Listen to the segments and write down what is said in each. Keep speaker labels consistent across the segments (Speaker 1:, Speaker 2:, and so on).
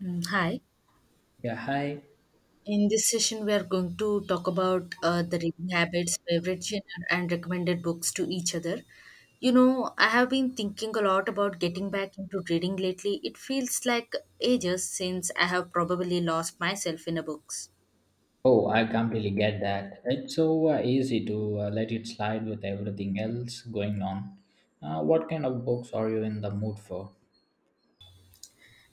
Speaker 1: Mm, hi.
Speaker 2: Yeah, hi.
Speaker 1: In this session, we are going to talk about the reading habits, favorite genre, and recommended books to each other. You know, I have been thinking a lot about getting back into reading lately. It feels like ages since I have probably lost myself in a books.
Speaker 2: Oh, I completely get that. It's so easy to let it slide with everything else going on. What kind of books are you in the mood for?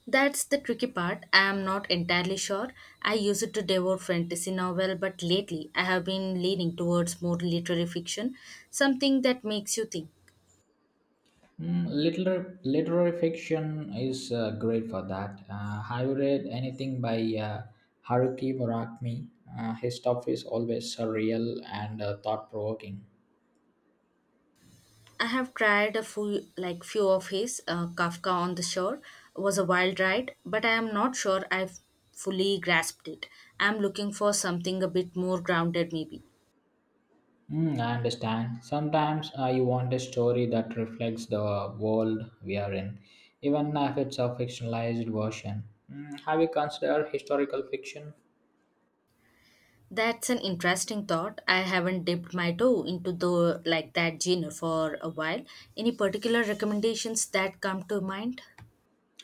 Speaker 1: That's the tricky part. I am not entirely sure. I used to devour fantasy novel, but lately I have been leaning towards more literary fiction, something that makes you think.
Speaker 2: Literary fiction is great for that. Have you read anything by Haruki Murakami? His stuff is always surreal and thought provoking.
Speaker 1: I have tried a few, like few of his. Kafka on the Shore was a wild ride, but I am not sure I've fully grasped it. I'm looking for something a bit more grounded, maybe.
Speaker 2: Hmm, I understand. Sometimes you want a story that reflects the world we are in, even if it's a fictionalized version. Mm, have you considered historical fiction?
Speaker 1: That's an interesting thought. I haven't dipped my toe into the like that genre for a while. Any particular recommendations that come to mind?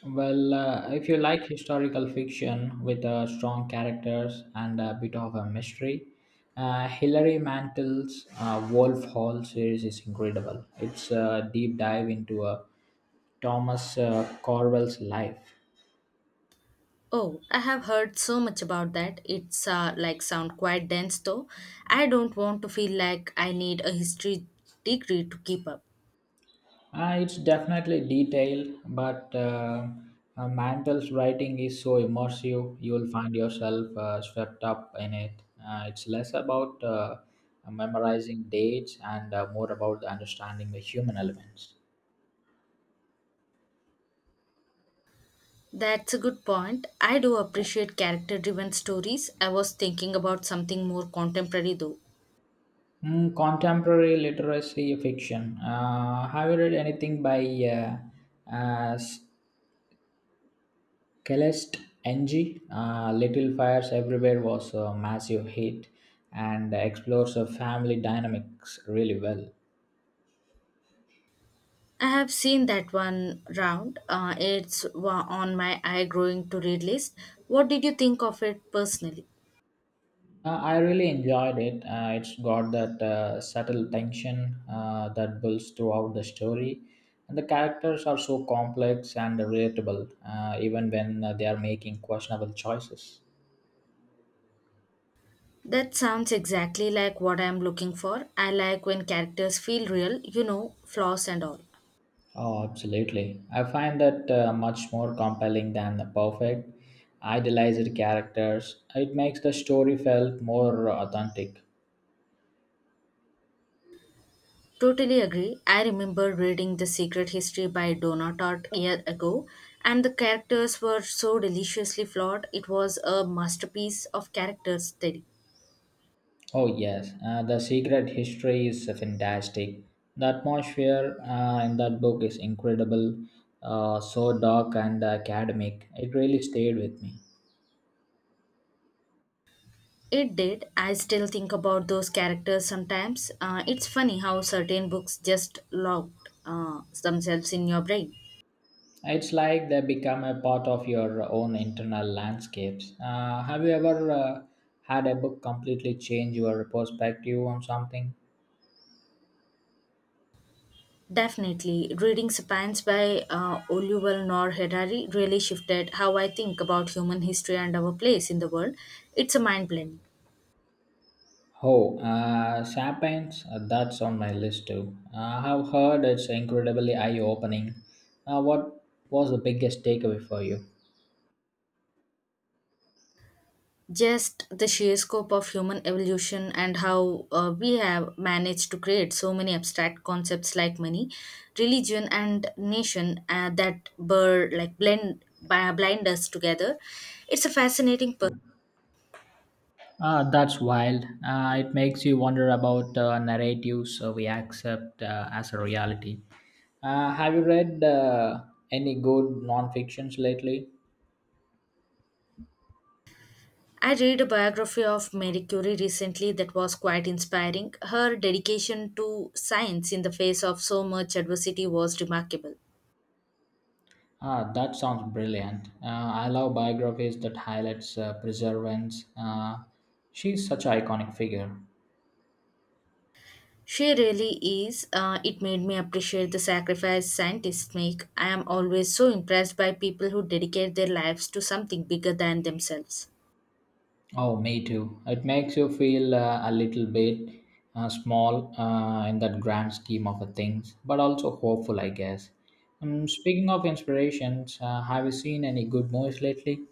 Speaker 2: Well, if you like historical fiction with strong characters and a bit of a mystery, Hilary Mantel's Wolf Hall series is incredible. It's a deep dive into Thomas Corwell's life.
Speaker 1: Oh, I have heard so much about that. It's like sound quite dense though. I don't want to feel like I need a history degree to keep up.
Speaker 2: It's definitely detailed, but Mandel's writing is so immersive, you'll find yourself swept up in it. It's less about memorizing dates and more about understanding the human elements.
Speaker 1: That's a good point. I do appreciate character driven stories. I was thinking about something more contemporary though.
Speaker 2: Mm, contemporary literacy fiction. Have you read anything by uh, uh, S- Celeste NG, Little Fires Everywhere was a massive hit and explores the family dynamics really well.
Speaker 1: I have seen that one round. It's on my eye growing to read list. What did you think of it personally?
Speaker 2: I really enjoyed it. It's got that subtle tension that builds throughout the story. And the characters are so complex and relatable, even when they are making questionable choices.
Speaker 1: That sounds exactly like what I'm looking for. I like when characters feel real, you know, flaws and all.
Speaker 2: Oh, absolutely. I find that much more compelling than the perfect, idealized characters. It makes the story felt more authentic.
Speaker 1: Totally agree. I remember reading The Secret History by Donna Tartt year ago, and the characters were so deliciously flawed. It was a masterpiece of character study.
Speaker 2: Oh, yes. The secret history is fantastic. The atmosphere in that book is incredible, so dark and academic. It really stayed with me.
Speaker 1: It did. I still think about those characters sometimes. It's funny how certain books just locked themselves in your brain.
Speaker 2: It's like they become a part of your own internal landscapes. Have you ever had a book completely change your perspective on something?
Speaker 1: Definitely, reading *Sapiens* by Oluwal Nor Harari really shifted how I think about human history and our place in the world. It's a mind blending.
Speaker 2: Oh, Sapiens, that's on my list too. I have heard it's incredibly eye opening. What was the biggest takeaway for you?
Speaker 1: Just the sheer scope of human evolution and how we have managed to create so many abstract concepts like money religion and nation that blur like blend bi- blind us together. It's a fascinating
Speaker 2: That's wild. It makes you wonder about narratives we accept as a reality. Have you read any good non-fictions lately?
Speaker 1: I read a biography of Marie curie recently that was quite inspiring. Her dedication to science in the face of so much adversity was remarkable.
Speaker 2: Ah, that sounds brilliant. I love biographies that highlights perseverance. She's such an iconic figure.
Speaker 1: She really is. It made me appreciate the sacrifice scientists make. I am always so impressed by people who dedicate their lives to something bigger than themselves.
Speaker 2: Oh, me too. It makes you feel a little bit small in that grand scheme of the things, but also hopeful, I guess. Speaking of inspirations, have you seen any good movies lately?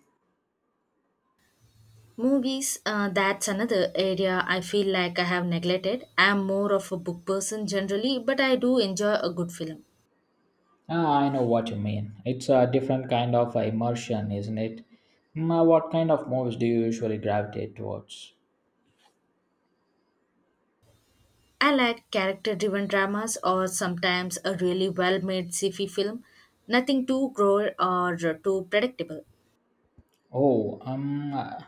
Speaker 1: Movies, that's another area I feel like I have neglected. I am more of a book person generally, but I do enjoy a good film.
Speaker 2: Ah, I know what you mean. It's a different kind of immersion, isn't it? What kind of movies do you usually gravitate towards?
Speaker 1: I like character driven dramas or sometimes a really well made sci fi film. Nothing too gross or too predictable.
Speaker 2: Oh, um, uh,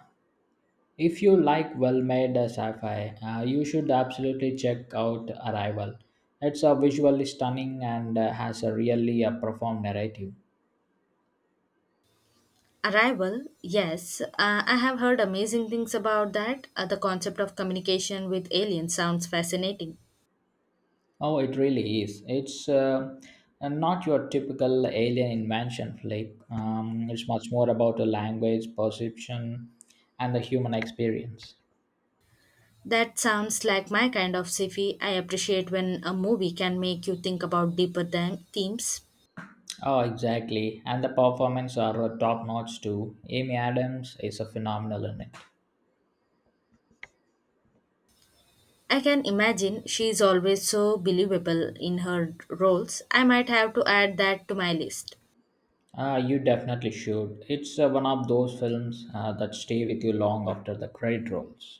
Speaker 2: If you like well made sci fi, you should absolutely check out Arrival. It's a visually stunning and has a really a profound narrative.
Speaker 1: Arrival, yes. I have heard amazing things about that. The concept of communication with aliens sounds fascinating.
Speaker 2: Oh, it really is. It's not your typical alien invention flick, it's much more about a language, perception, and the human experience.
Speaker 1: That sounds like my kind of sci-fi. I appreciate when a movie can make you think about deeper than themes.
Speaker 2: Oh, exactly. And the performance are top notch too. Amy Adams is a phenomenal in it.
Speaker 1: I can imagine she is always so believable in her roles. I might have to add that to my list.
Speaker 2: You definitely should. It's one of those films that stay with you long after the credit rolls.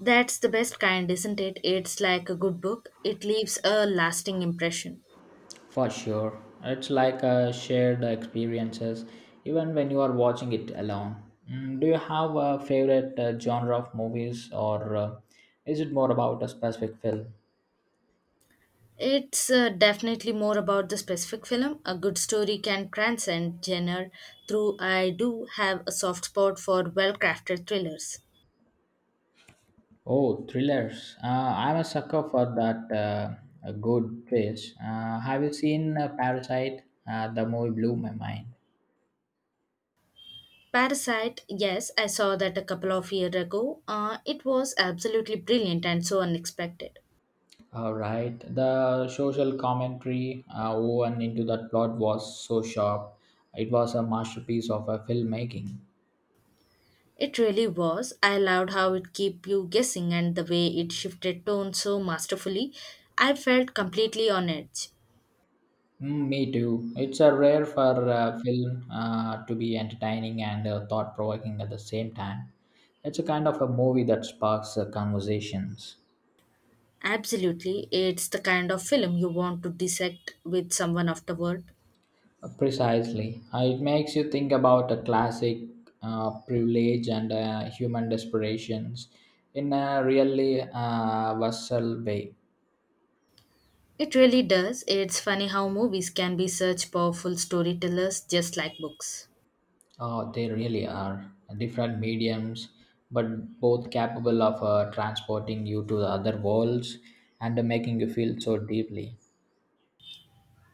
Speaker 1: That's the best kind, isn't it? It's like a good book. It leaves a lasting impression.
Speaker 2: For sure. It's like shared experiences, even when you are watching it alone. Do you have a favorite genre of movies, or is it more about a specific film?
Speaker 1: It's definitely more about the specific film. A good story can transcend genre, though I do have a soft spot for well crafted thrillers.
Speaker 2: Oh, thrillers. I'm a sucker for that a good face. Have you seen Parasite? The movie blew my mind.
Speaker 1: Parasite, yes, I saw that a couple of years ago. It was absolutely brilliant and so unexpected.
Speaker 2: All right. The social commentary woven into that plot was so sharp. It was a masterpiece of a filmmaking.
Speaker 1: It really was. I loved how it kept you guessing and the way it shifted tone so masterfully. I felt completely on edge.
Speaker 2: Mm, me too. It's a rare for a film to be entertaining and thought provoking at the same time. It's a kind of a movie that sparks conversations.
Speaker 1: Absolutely, it's the kind of film you want to dissect with someone afterward.
Speaker 2: Precisely. It makes you think about a classic privilege and human desperations in a really visceral way.
Speaker 1: It really does. It's funny how movies can be such powerful storytellers, just like books.
Speaker 2: They really are different mediums, but both capable of transporting you to the other worlds and making you feel so deeply.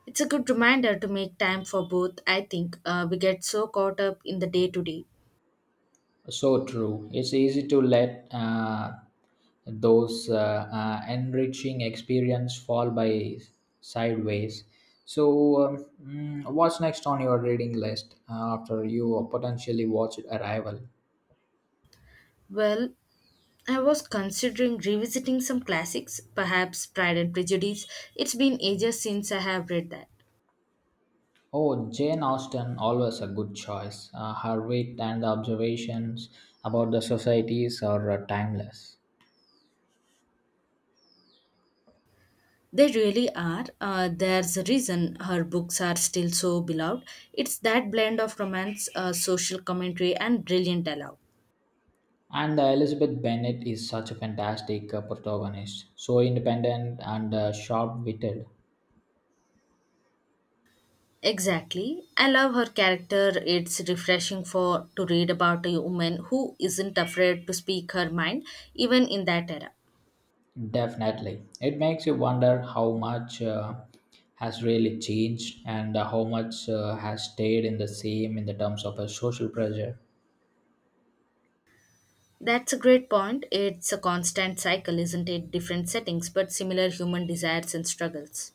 Speaker 1: It's a good reminder to make time for both, I think. We get so caught up in the day to day.
Speaker 2: So true. It's easy to let those enriching experience fall by sideways. So, what's next on your reading list after you potentially watch Arrival?
Speaker 1: Well, I was considering revisiting some classics, perhaps Pride and Prejudice. It's been ages since I have read that.
Speaker 2: Oh, Jane Austen, always a good choice. Her wit and observations about the societies are timeless.
Speaker 1: They really are. There's a reason her books are still so beloved. It's that blend of romance, social commentary, and brilliant dialogue.
Speaker 2: And Elizabeth Bennet is such a fantastic protagonist, so independent and sharp-witted.
Speaker 1: Exactly. I love her character. It's refreshing for to read about a woman who isn't afraid to speak her mind even in that era.
Speaker 2: Definitely, it makes you wonder how much has really changed and how much has stayed in the same in the terms of a social pressure.
Speaker 1: That's a great point. It's a constant cycle, isn't it? Different settings but similar human desires and struggles.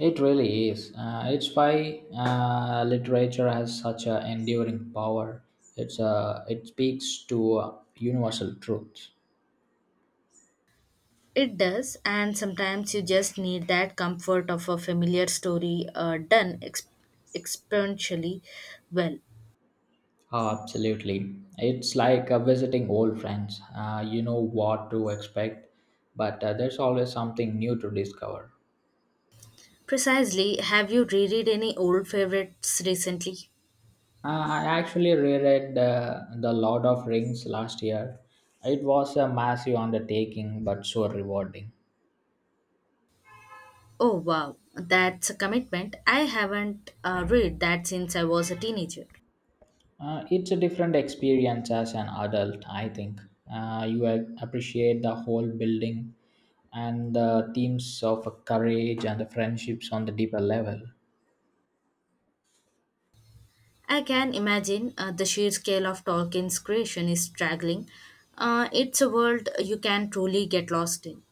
Speaker 2: It really is. It's why literature has such an enduring power. It's it speaks to universal truths.
Speaker 1: It does, and sometimes you just need that comfort of a familiar story done exponentially well.
Speaker 2: Ah, absolutely. It's like visiting old friends. You know what to expect, but there's always something new to discover.
Speaker 1: Precisely, have you reread any old favorites recently?
Speaker 2: I actually reread The Lord of Rings last year. It was a massive undertaking, but so rewarding.
Speaker 1: Oh wow, that's a commitment. I haven't read that since I was a teenager.
Speaker 2: It's a different experience as an adult, I think. You appreciate the whole building and the themes of courage and the friendships on the deeper level.
Speaker 1: I can imagine the sheer scale of Tolkien's creation is staggering. It's a world you can truly get lost in.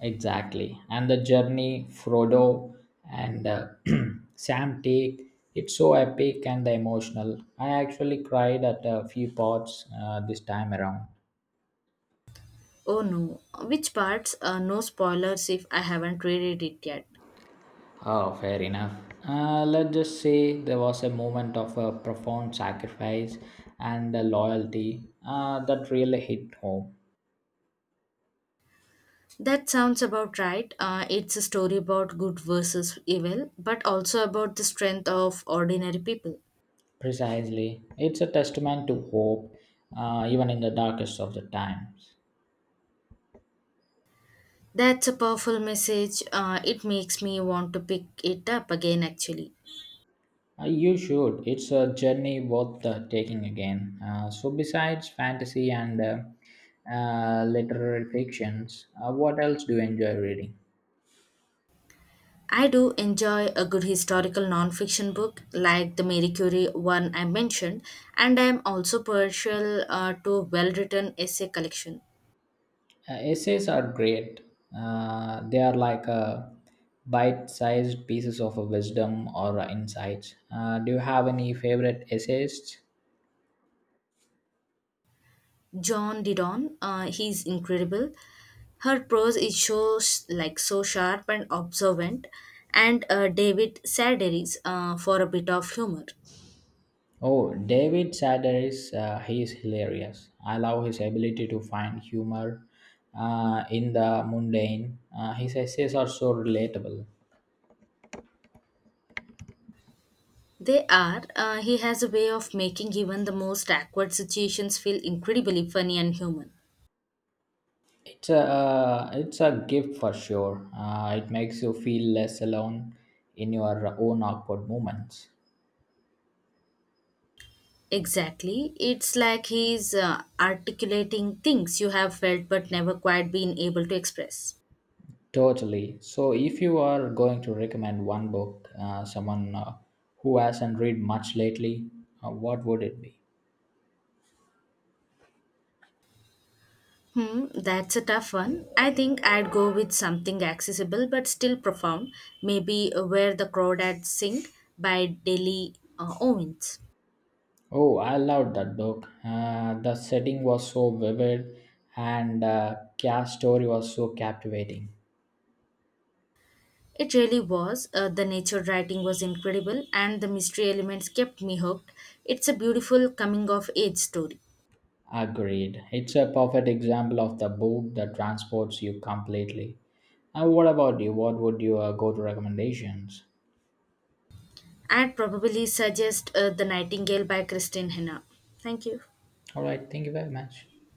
Speaker 2: Exactly. And the journey Frodo and Sam take, it's so epic and emotional. I actually cried at a few parts this time around.
Speaker 1: Oh no, which parts? No spoilers if I haven't read it yet.
Speaker 2: Oh, fair enough. Let's just say there was a moment of profound sacrifice and loyalty that really hit home.
Speaker 1: That sounds about right. It's a story about good versus evil, but also about the strength of ordinary people.
Speaker 2: Precisely. It's a testament to hope, even in the darkest of the times.
Speaker 1: That's a powerful message. It makes me want to pick it up again, actually.
Speaker 2: You should. It's a journey worth taking again. So, besides fantasy and literary fictions, what else do you enjoy reading?
Speaker 1: I do enjoy a good historical non-fiction book like the Marie Curie one I mentioned, and I am also partial to well-written essay collection.
Speaker 2: Essays are great. They are like bite-sized pieces of wisdom or insights. Do you have any favorite essayists?
Speaker 1: John Didon, he's incredible. Her prose is so so sharp and observant, and David Sedaris for a bit of humor.
Speaker 2: Oh, David Sedaris. He is hilarious. I love his ability to find humor in the mundane. His essays are so relatable.
Speaker 1: They are. He has a way of making even the most awkward situations feel incredibly funny and human.
Speaker 2: It's a gift for sure. It makes you feel less alone in your own awkward moments.
Speaker 1: Exactly. It's like he's articulating things you have felt but never quite been able to express.
Speaker 2: Totally. So, if you are going to recommend one book, someone who hasn't read much lately, what would it be?
Speaker 1: Hmm, that's a tough one. I think I'd go with something accessible but still profound, maybe Where the Crawdads Sing by Deli Owens.
Speaker 2: Oh, I loved that book. The setting was so vivid, and Kia's story was so captivating.
Speaker 1: It really was. The nature writing was incredible and the mystery elements kept me hooked. It's a beautiful coming of age story.
Speaker 2: Agreed. It's a perfect example of the book that transports you completely. And what about you? What would your go-to recommendations?
Speaker 1: I'd probably suggest The Nightingale by Christine Hannah. Thank you.
Speaker 2: All right. Thank you very much.